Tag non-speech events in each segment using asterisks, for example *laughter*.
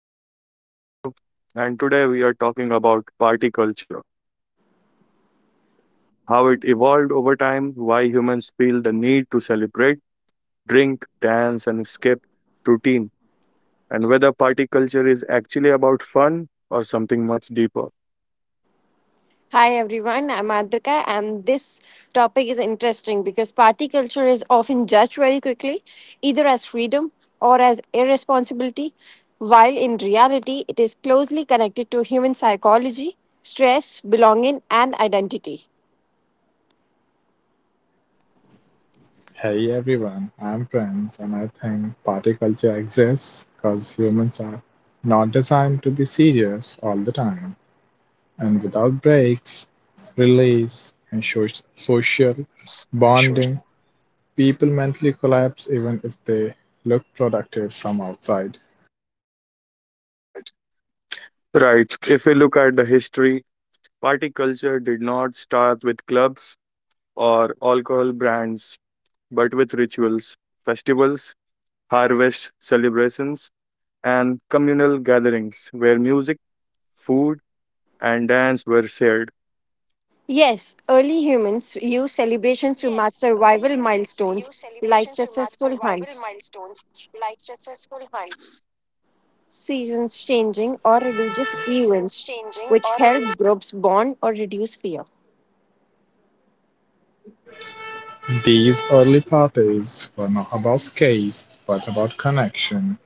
podcast. I'm Gaurav, and today we are talking about party culture, how it evolved over time, why humans feel the need to celebrate, drink, dance, and escape routine, and whether party culture is actually about fun or something much deeper. Hi everyone, I'm Adrika, and this topic is interesting because party culture is often judged very quickly, either as freedom or as irresponsibility, while in reality, it is closely connected to human psychology, stress, belonging, and identity. Hey everyone, I'm Prince, and I think party culture exists because humans are not designed to be serious all the time. And without breaks, release, and social bonding, people mentally collapse even if they look productive from outside. Right, if we look at the history, party culture did not start with clubs or alcohol brands, but with rituals, festivals, harvest celebrations and communal gatherings where music, food, and dance were shared. Yes, early humans used celebrations to mark survival milestones like successful hunts, seasons changing, or religious events, which help groups bond or reduce fear. These early parties were not about escape, but about connection,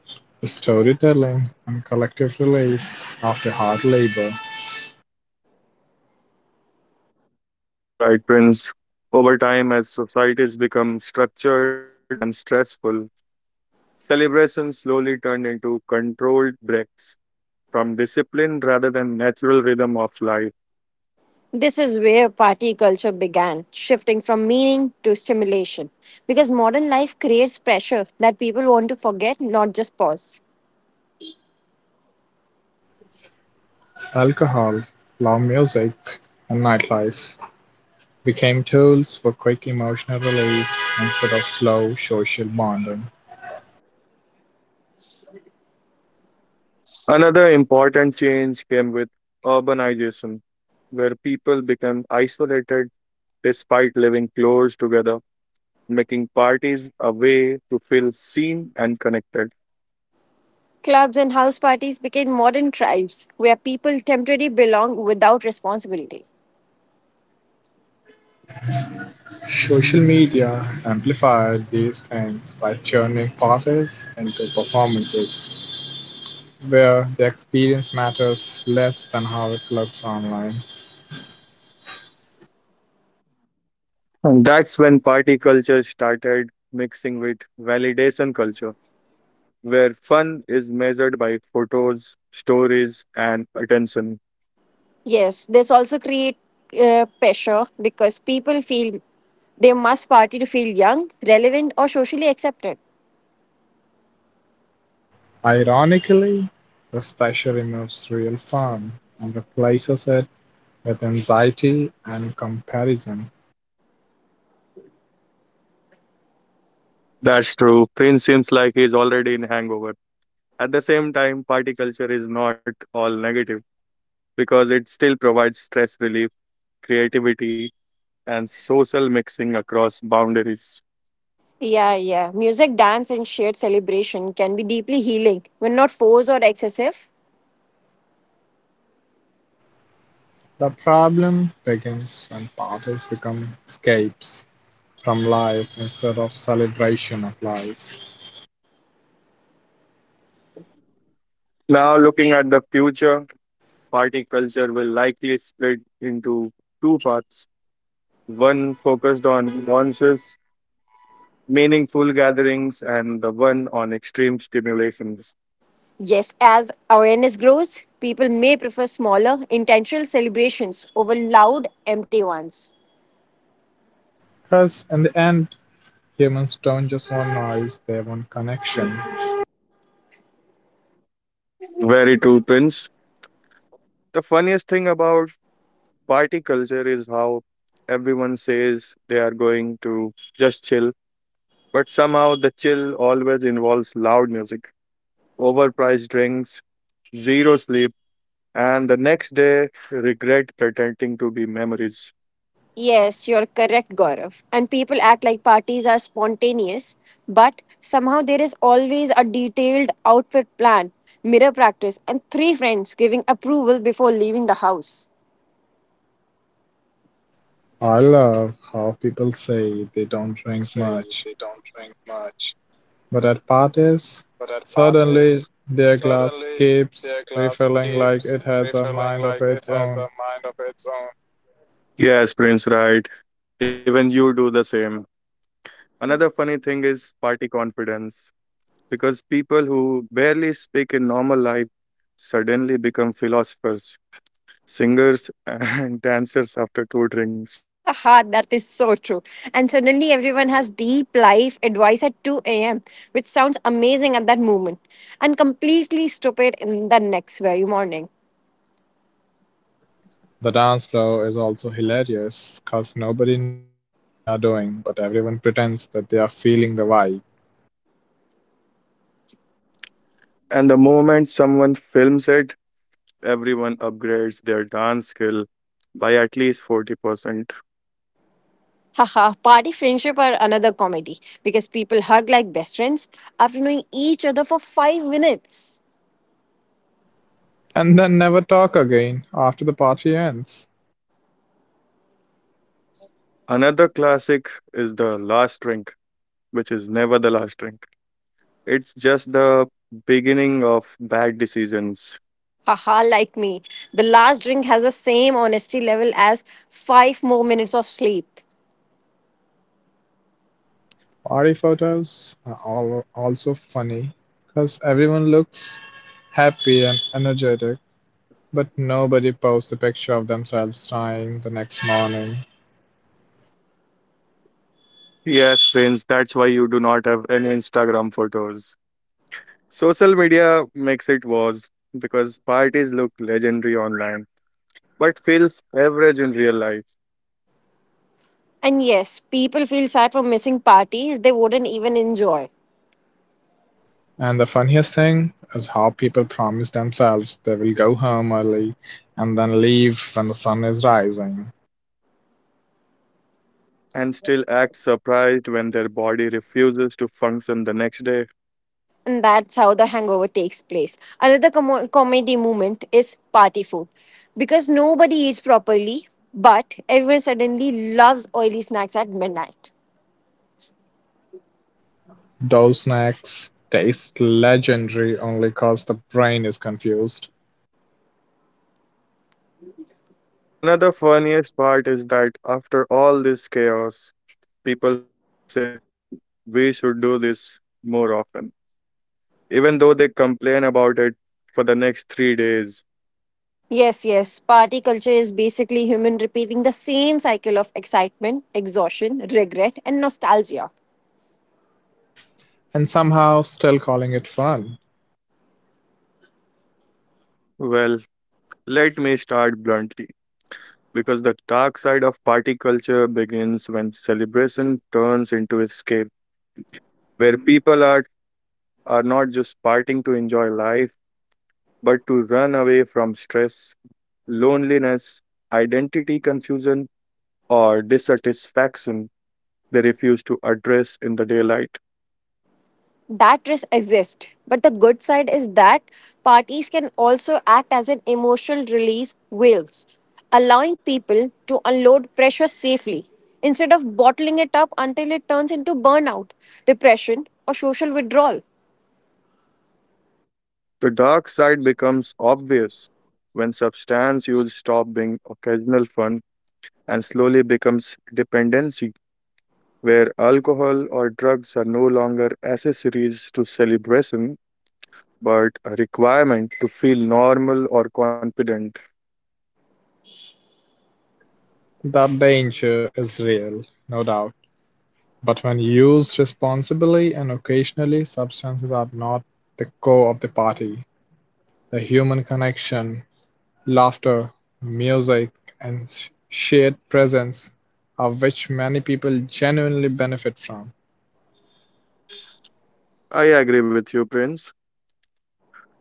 storytelling, and collective relief after hard labor. Right, Prince. Over time, as societies become structured and stressful, celebrations slowly turned into controlled breaks from discipline rather than natural rhythm of life. This is where party culture began, shifting from meaning to stimulation. Because modern life creates pressure that people want to forget, not just pause. Alcohol, loud music, and nightlife became tools for quick emotional release instead of slow social bonding. Another important change came with urbanization, where people became isolated despite living close together, making parties a way to feel seen and connected. Clubs and house parties became modern tribes where people temporarily belong without responsibility. Social media amplified these things by turning parties into performances where the experience matters less than how it looks online. And that's when party culture started mixing with validation culture, where fun is measured by photos, stories, and attention. Yes, this also creates pressure because people feel they must party to feel young, relevant, or socially accepted. Ironically, this pressure removes real fun and replaces it with anxiety and comparison. That's true. Finn seems like he's already in hangover. At the same time, party culture is not all negative because it still provides stress relief, creativity, and social mixing across boundaries. Yeah, yeah. Music, dance, and shared celebration can be deeply healing when not forced or excessive. The problem begins when parties become escapes from life instead of celebration of life. Now, looking at the future, party culture will likely split into two parts, one focused on conscious, meaningful gatherings, and the one on extreme stimulations. Yes, as awareness grows, people may prefer smaller, intentional celebrations over loud, empty ones. Because in the end, humans don't just want noise, they want connection. Very true, Prince. The funniest thing about party culture is how everyone says they are going to just chill, but somehow the chill always involves loud music, overpriced drinks, zero sleep, and the next day regret pretending to be memories. Yes, you're correct, Gaurav. And people act like parties are spontaneous, but somehow there is always a detailed outfit plan, mirror practice, and three friends giving approval before leaving the house. I love how people say they don't drink much, but at parties, suddenly their glass keeps refilling like it has a mind of its own. Yes, Prince, right. Even you do the same. Another funny thing is party confidence, because people who barely speak in normal life suddenly become philosophers, singers, and *laughs* dancers after two drinks. Haha, that is so true. And suddenly everyone has deep life advice at 2 a.m., which sounds amazing at that moment and completely stupid in the next very morning. The dance floor is also hilarious because nobody knows what they are doing, but everyone pretends that they are feeling the vibe. And the moment someone films it, everyone upgrades their dance skill by at least 40%. Haha, party friendship are another comedy because people hug like best friends after knowing each other for 5 minutes. And then never talk again after the party ends. Another classic is the last drink, which is never the last drink. It's just the beginning of bad decisions. Haha, like me. The last drink has the same honesty level as five more minutes of sleep. Party photos are all also funny because everyone looks happy and energetic, but nobody posts a picture of themselves crying the next morning. Yes, friends, that's why you do not have any Instagram photos. Social media makes it worse because parties look legendary online but feels average in real life And yes, people feel sad for missing parties they wouldn't even enjoy And the funniest thing is how people promise themselves they will go home early and then leave when the sun is rising. and still act surprised when their body refuses to function the next day. and that's how the hangover takes place. Another comedy moment is party food because nobody eats properly, but everyone suddenly loves oily snacks at midnight. Those snacks taste legendary only because the brain is confused Another funniest part is that after all this chaos, people say we should do this more often, even though they complain about it for the next 3 days. Yes, yes, party culture is basically human repeating the same cycle of excitement, exhaustion, regret, and nostalgia. and somehow still calling it fun. Well, let me start bluntly. Because the dark side of party culture begins when celebration turns into escape, where people are not just partying to enjoy life, but to run away from stress, loneliness, identity confusion, or dissatisfaction they refuse to address in the daylight. That risk exists. But the good side is that parties can also act as an emotional release valves, allowing people to unload pressure safely instead of bottling it up until it turns into burnout, depression, or social withdrawal. The dark side becomes obvious when substance use stops being occasional fun and slowly becomes dependency, where alcohol or drugs are no longer accessories to celebration but a requirement to feel normal or confident. The danger is real, no doubt, but when used responsibly and occasionally, substances are not the core of the party. The human connection, laughter, music, and shared presence are which many people genuinely benefit from. I agree with you, Prince.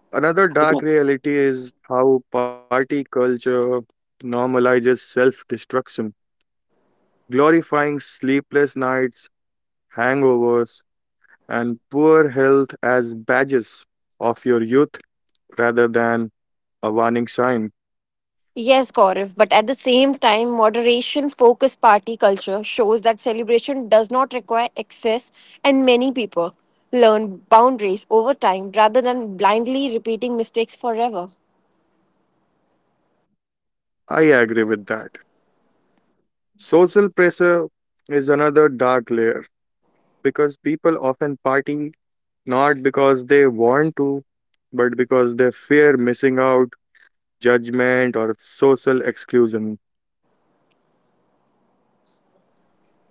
Another dark reality is how party culture normalizes self destruction, glorifying sleepless nights, hangovers, and poor health as badges of your youth rather than a warning sign. Yes, Gaurav, but at the same time, moderation focused party culture shows that celebration does not require excess, and many people learn boundaries over time rather than blindly repeating mistakes forever. I agree with that. Social pressure is another dark layer because people often party not because they want to, but because they fear missing out, judgment, or social exclusion.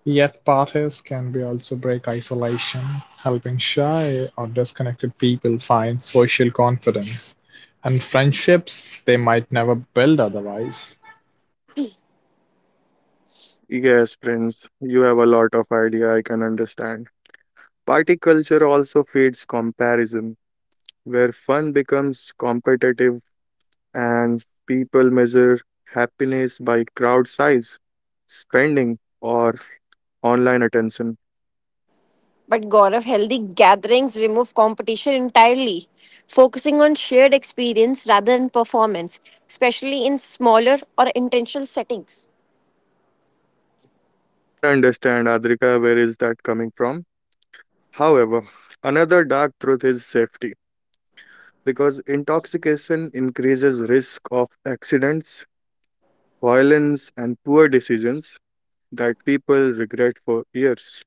Yet parties can be also break isolation, helping shy or disconnected people find social confidence and friendships they might never build otherwise. Yes, Prince, you have a lot of idea, I can understand. Party culture also feeds comparison, where fun becomes competitive and people measure happiness by crowd size, spending, or online attention. But Gaurav, healthy gatherings remove competition entirely, focusing on shared experience rather than performance, especially in smaller or intentional settings. I can understand, Adrika, where is that coming from? However, another dark truth is safety, because intoxication increases risk of accidents, violence, and poor decisions that people regret for years.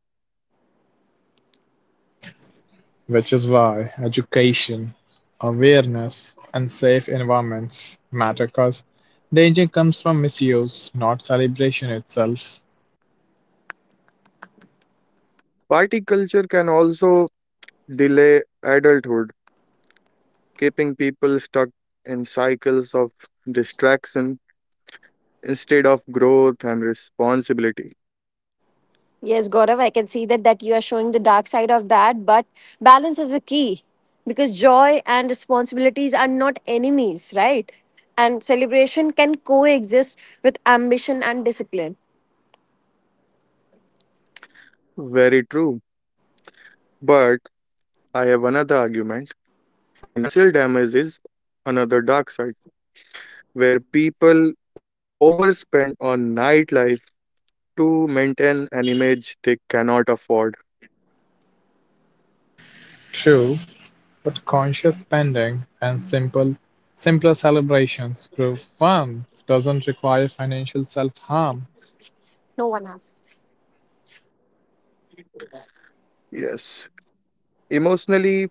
Which is why education, awareness, and safe environments matter because danger comes from misuse, not celebration itself. Party culture can also delay adulthood, keeping people stuck in cycles of distraction instead of growth and responsibility. Yes, Gaurav, I can see that, that you are showing the dark side of that, but balance is a key because joy and responsibilities are not enemies, right? And celebration can coexist with ambition and discipline. Very true. But I have another argument. Financial damage is another dark side where people overspend on nightlife to maintain an image they cannot afford. True, but conscious spending and simpler celebrations prove fun doesn't require financial self-harm. No one has. Yes. Emotionally,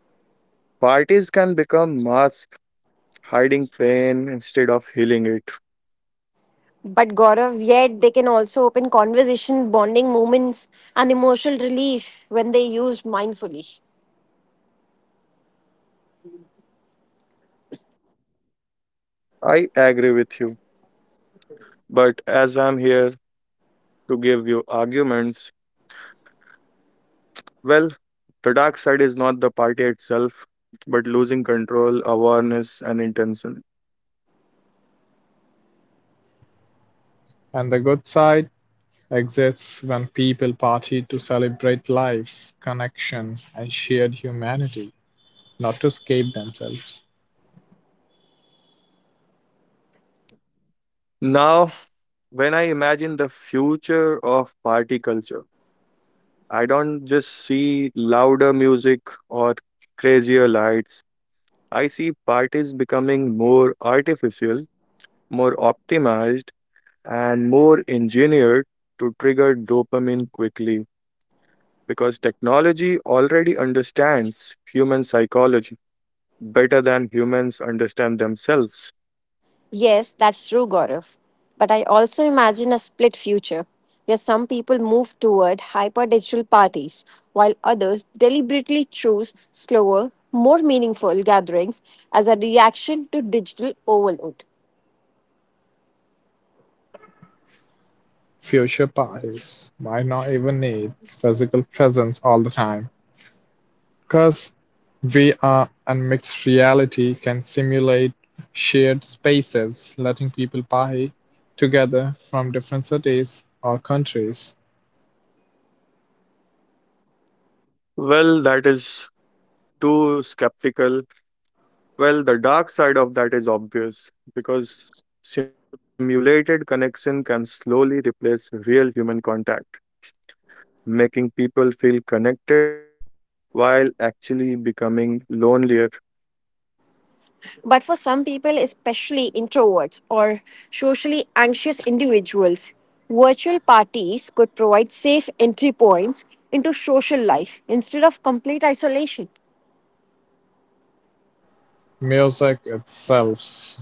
parties can become masks hiding pain instead of healing it. But Gaurav, yet they can also open conversation, bonding moments, and emotional relief when they used mindfully. I agree with you. But as I'm here to give you arguments, well, the dark side is not the party itself, but losing control, awareness, and intention. And the good side exists when people party to celebrate life, connection, and shared humanity, not to escape themselves. Now, when I imagine the future of party culture, I don't just see louder music or crazier lights. I see parties becoming more artificial, more optimized, and more engineered to trigger dopamine quickly because technology already understands human psychology better than humans understand themselves. Yes, that's true, Gaurav. But I also imagine a split future where some people move toward hyper digital parties while others deliberately choose slower, more meaningful gatherings as a reaction to digital overload. Future parties might not even need physical presence all the time, because VR and mixed reality can simulate shared spaces, letting people party together from different cities or countries. Well, that is too skeptical. Well, the dark side of that is obvious because simulated connection can slowly replace real human contact, making people feel connected while actually becoming lonelier. But for some people, especially introverts or socially anxious individuals, virtual parties could provide safe entry points into social life instead of complete isolation. Music itself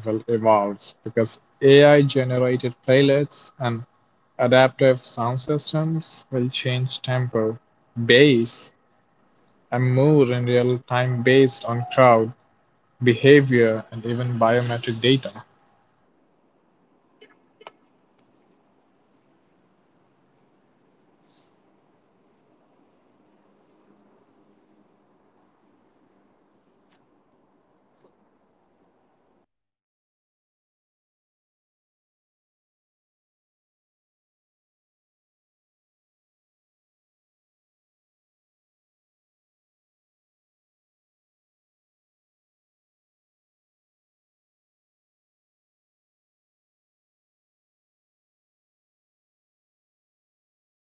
will evolve because AI generated playlists and adaptive sound systems That's will true. change tempo, Prince, do you want bass, to say something about and this? mood in real time based on crowd behavior, and even biometric data. Well, I think Prince is thinking something. So, music itself will evolve because AI generated playlists and adaptive sound system will change tempo, bass, and mood in real time based on crowd behavior and even biometric data. But that's where it gets scary because when parties start reading heart rate,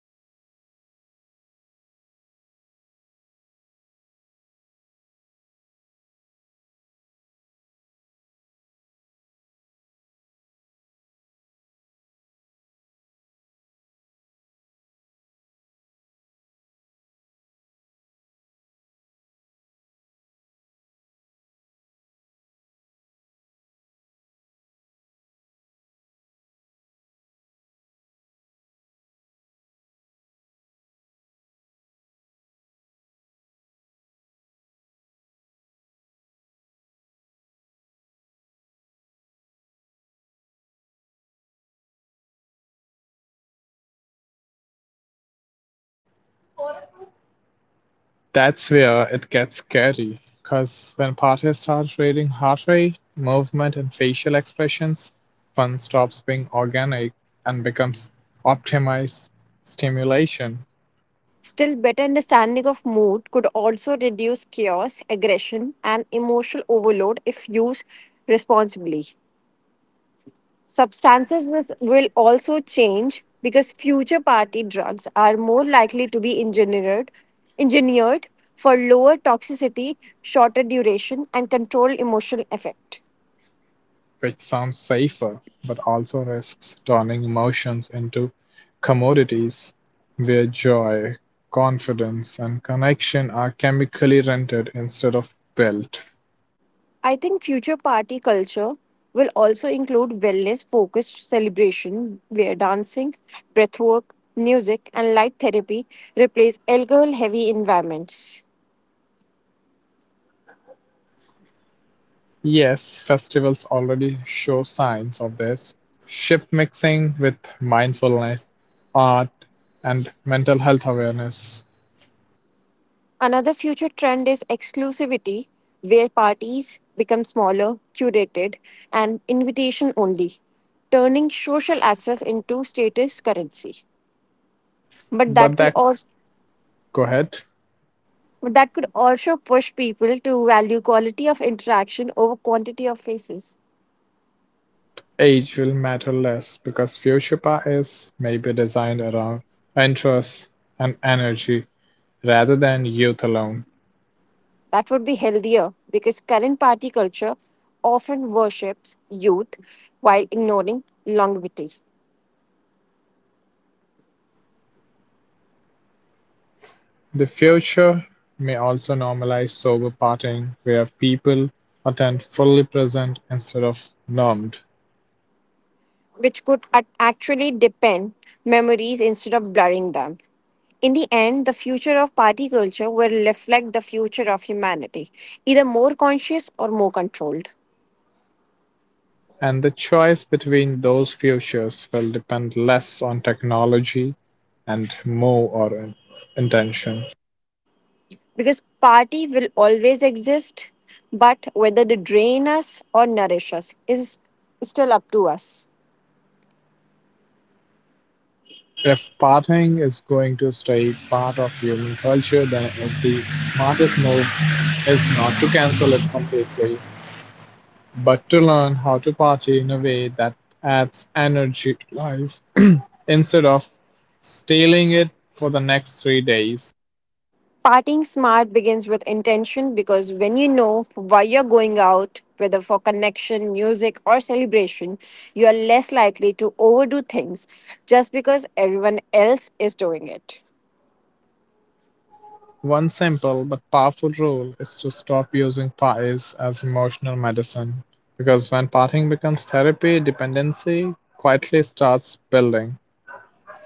so I was saying that when parties start reading heart rate, That's where it gets scary, because when parties start reading heart rate, movement, and facial expressions, fun stops being organic and becomes optimized stimulation, Still, better understanding of mood could also reduce chaos, aggression, and emotional overload if used responsibly. Will also change because future party drugs are more likely to be engineered, engineered for lower toxicity, shorter duration, and controlled emotional effect. which sounds safer but also risks turning emotions into commodities where joy, confidence, and connection are chemically rented instead of built. I think future party culture will also include wellness focused celebration where dancing, breathwork, music, and light therapy replace alcohol heavy environments. Yes, festivals already show signs of this. Ship mixing with mindfulness, art, and mental health awareness. Another future trend is exclusivity, where parties become smaller, curated, and invitation only, turning social access into status currency. But that But could also go ahead, but that could also push people to value quality of interaction over quantity of faces. age will matter less because Fuchsipa is maybe designed around interest and energy rather than youth alone. That would be healthier because current party culture often worships youth while ignoring longevity. The future may also normalize sober partying where people attend fully present instead of numbed. Which could actually deepen memories instead of blurring them. In the end, the future of party culture will reflect the future of humanity, either more conscious or more controlled. And the choice between those futures will depend less on technology and more on intention. Because party will always exist, but whether they drain us or nourish us is still up to us. If partying is going to stay part of human culture, then the smartest move is not to cancel it completely, but to learn how to party in a way that adds energy to life *clears throat* instead of stealing it for the next three days. Partying smart begins with intention because when you know why you're going out, whether for connection, music, or celebration, you are less likely to overdo things just because everyone else is doing it. One simple but powerful rule is to stop using pies as emotional medicine, because when partying becomes therapy, dependency quietly starts building.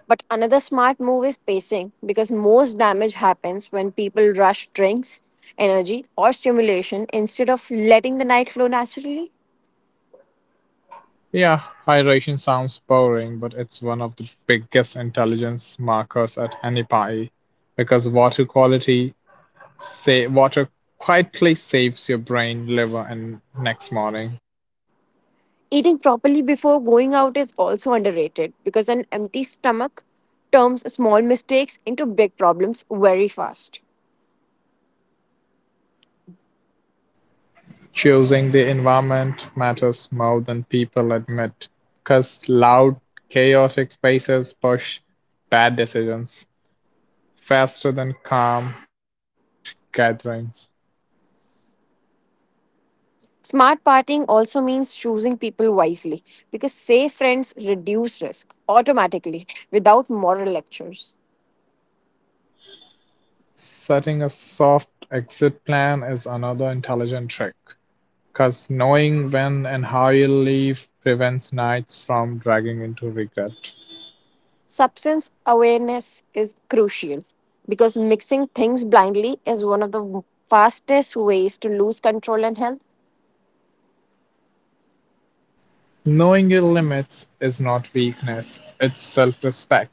But another smart move is pacing because most damage happens when people rush drinks, energy, or stimulation instead of letting the night flow naturally. Yeah, hydration sounds boring, but it's one of the biggest intelligence markers at any party, because water quietly saves your brain, liver, and next morning. Eating properly before going out is also underrated because an empty stomach turns small mistakes into big problems very fast. Choosing the environment matters more than people admit, 'cause loud, chaotic spaces push bad decisions faster than calm, well managed gatherings. Smart partying also means choosing people wisely because safe friends reduce risk automatically without moral lectures. Setting a soft exit plan is another intelligent trick, 'cause knowing when and how you'll leave prevents nights from dragging into regret. Substance awareness is crucial because mixing things blindly is one of the fastest ways to lose control and health. Knowing your limits is not weakness, it's self respect.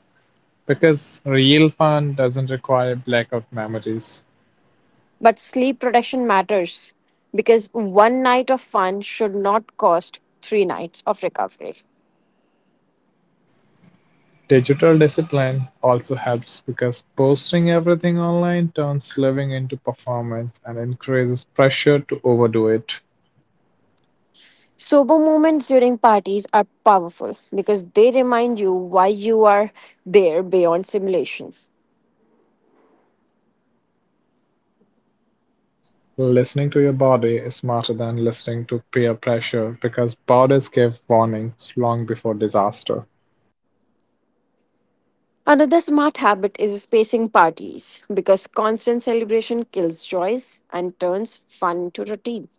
Because real fun doesn't require blackout memories. But sleep protection matters because one night of fun should not cost three nights of recovery. Digital discipline also helps because posting everything online turns living into performance and increases pressure to overdo it. Sober moments during parties are powerful because they remind you why you are there beyond simulation. Listening to your body is smarter than listening to peer pressure because bodies give warnings long before disaster. Another smart habit is spacing parties because constant celebration kills joys and turns fun into routine.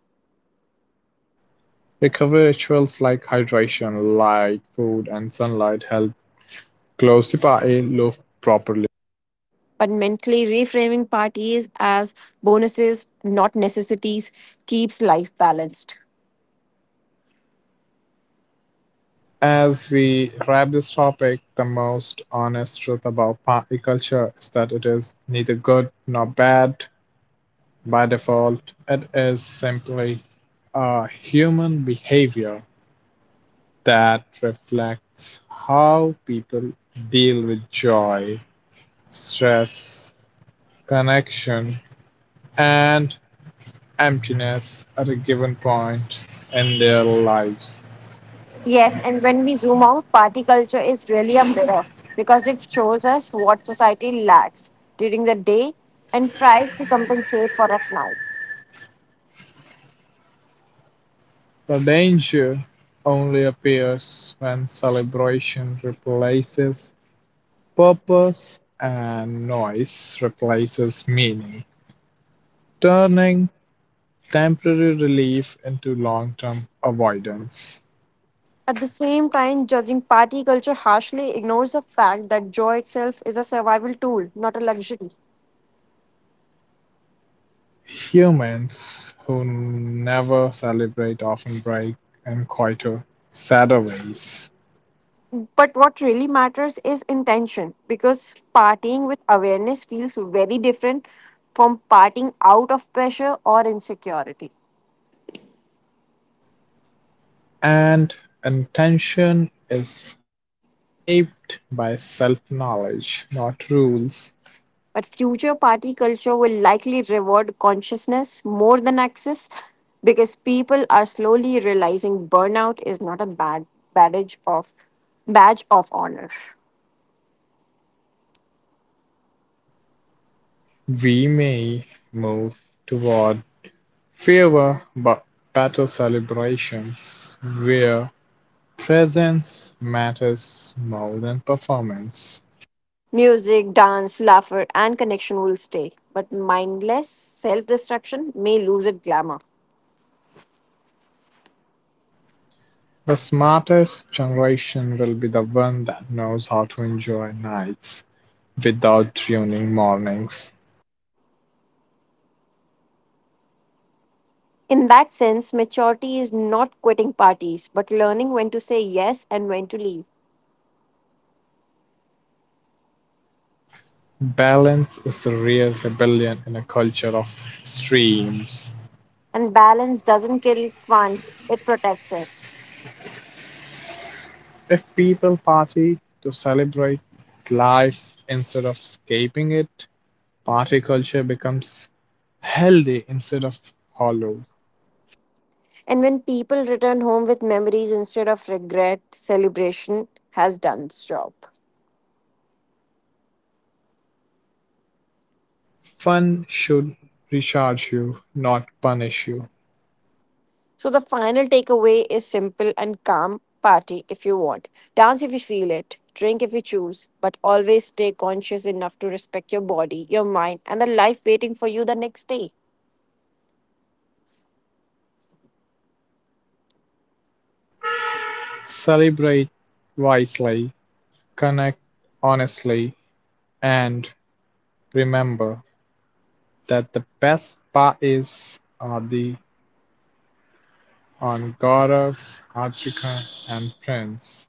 Recovery rituals like hydration, light, food, and sunlight help close the body loop properly. But mentally reframing parties as bonuses, not necessities, keeps life balanced. As we wrap this topic, the most honest truth about party culture is that it is neither good nor bad by default. It is simply a human behavior that reflects how people deal with joy, stress, connection, and emptiness at a given point in their lives. Yes, and when we zoom out, party culture is really a mirror because it shows us what society lacks during the day and tries to compensate for at night. The danger only appears when celebration replaces purpose and noise replaces meaning, turning temporary relief into long term avoidance. At the same time, judging party culture harshly ignores the fact that joy itself is a survival tool, not a luxury. Humans who never celebrate often break in quieter, sadder ways, But what really matters is intention, because partying with awareness feels very different from partying out of pressure or insecurity. and intention is shaped by self knowledge, not rules. But future party culture will likely reward consciousness more than access because people are slowly realizing burnout is not a badge of honor. We may move toward fewer but better celebrations where presence matters more than performance. Music, dance, laughter, and connection will stay, but mindless self-destruction may lose its glamour. The smartest generation will be the one that knows how to enjoy nights without ruining mornings. In that sense, maturity is not quitting parties, but learning when to say yes and when to leave. Balance is the real rebellion in a culture of streams. And balance doesn't kill fun, it protects it. If people party to celebrate life instead of escaping it, party culture becomes healthy instead of hollow. And when people return home with memories instead of regret, celebration has done its job. Fun should recharge you, not punish you. So the final takeaway is simple and calm party if you want. Dance if you feel it, drink if you choose, but always stay conscious enough to respect your body, your mind, and the life waiting for you the next day. Celebrate wisely, connect honestly, and remember that the best parties are the on God of Africa and Prince.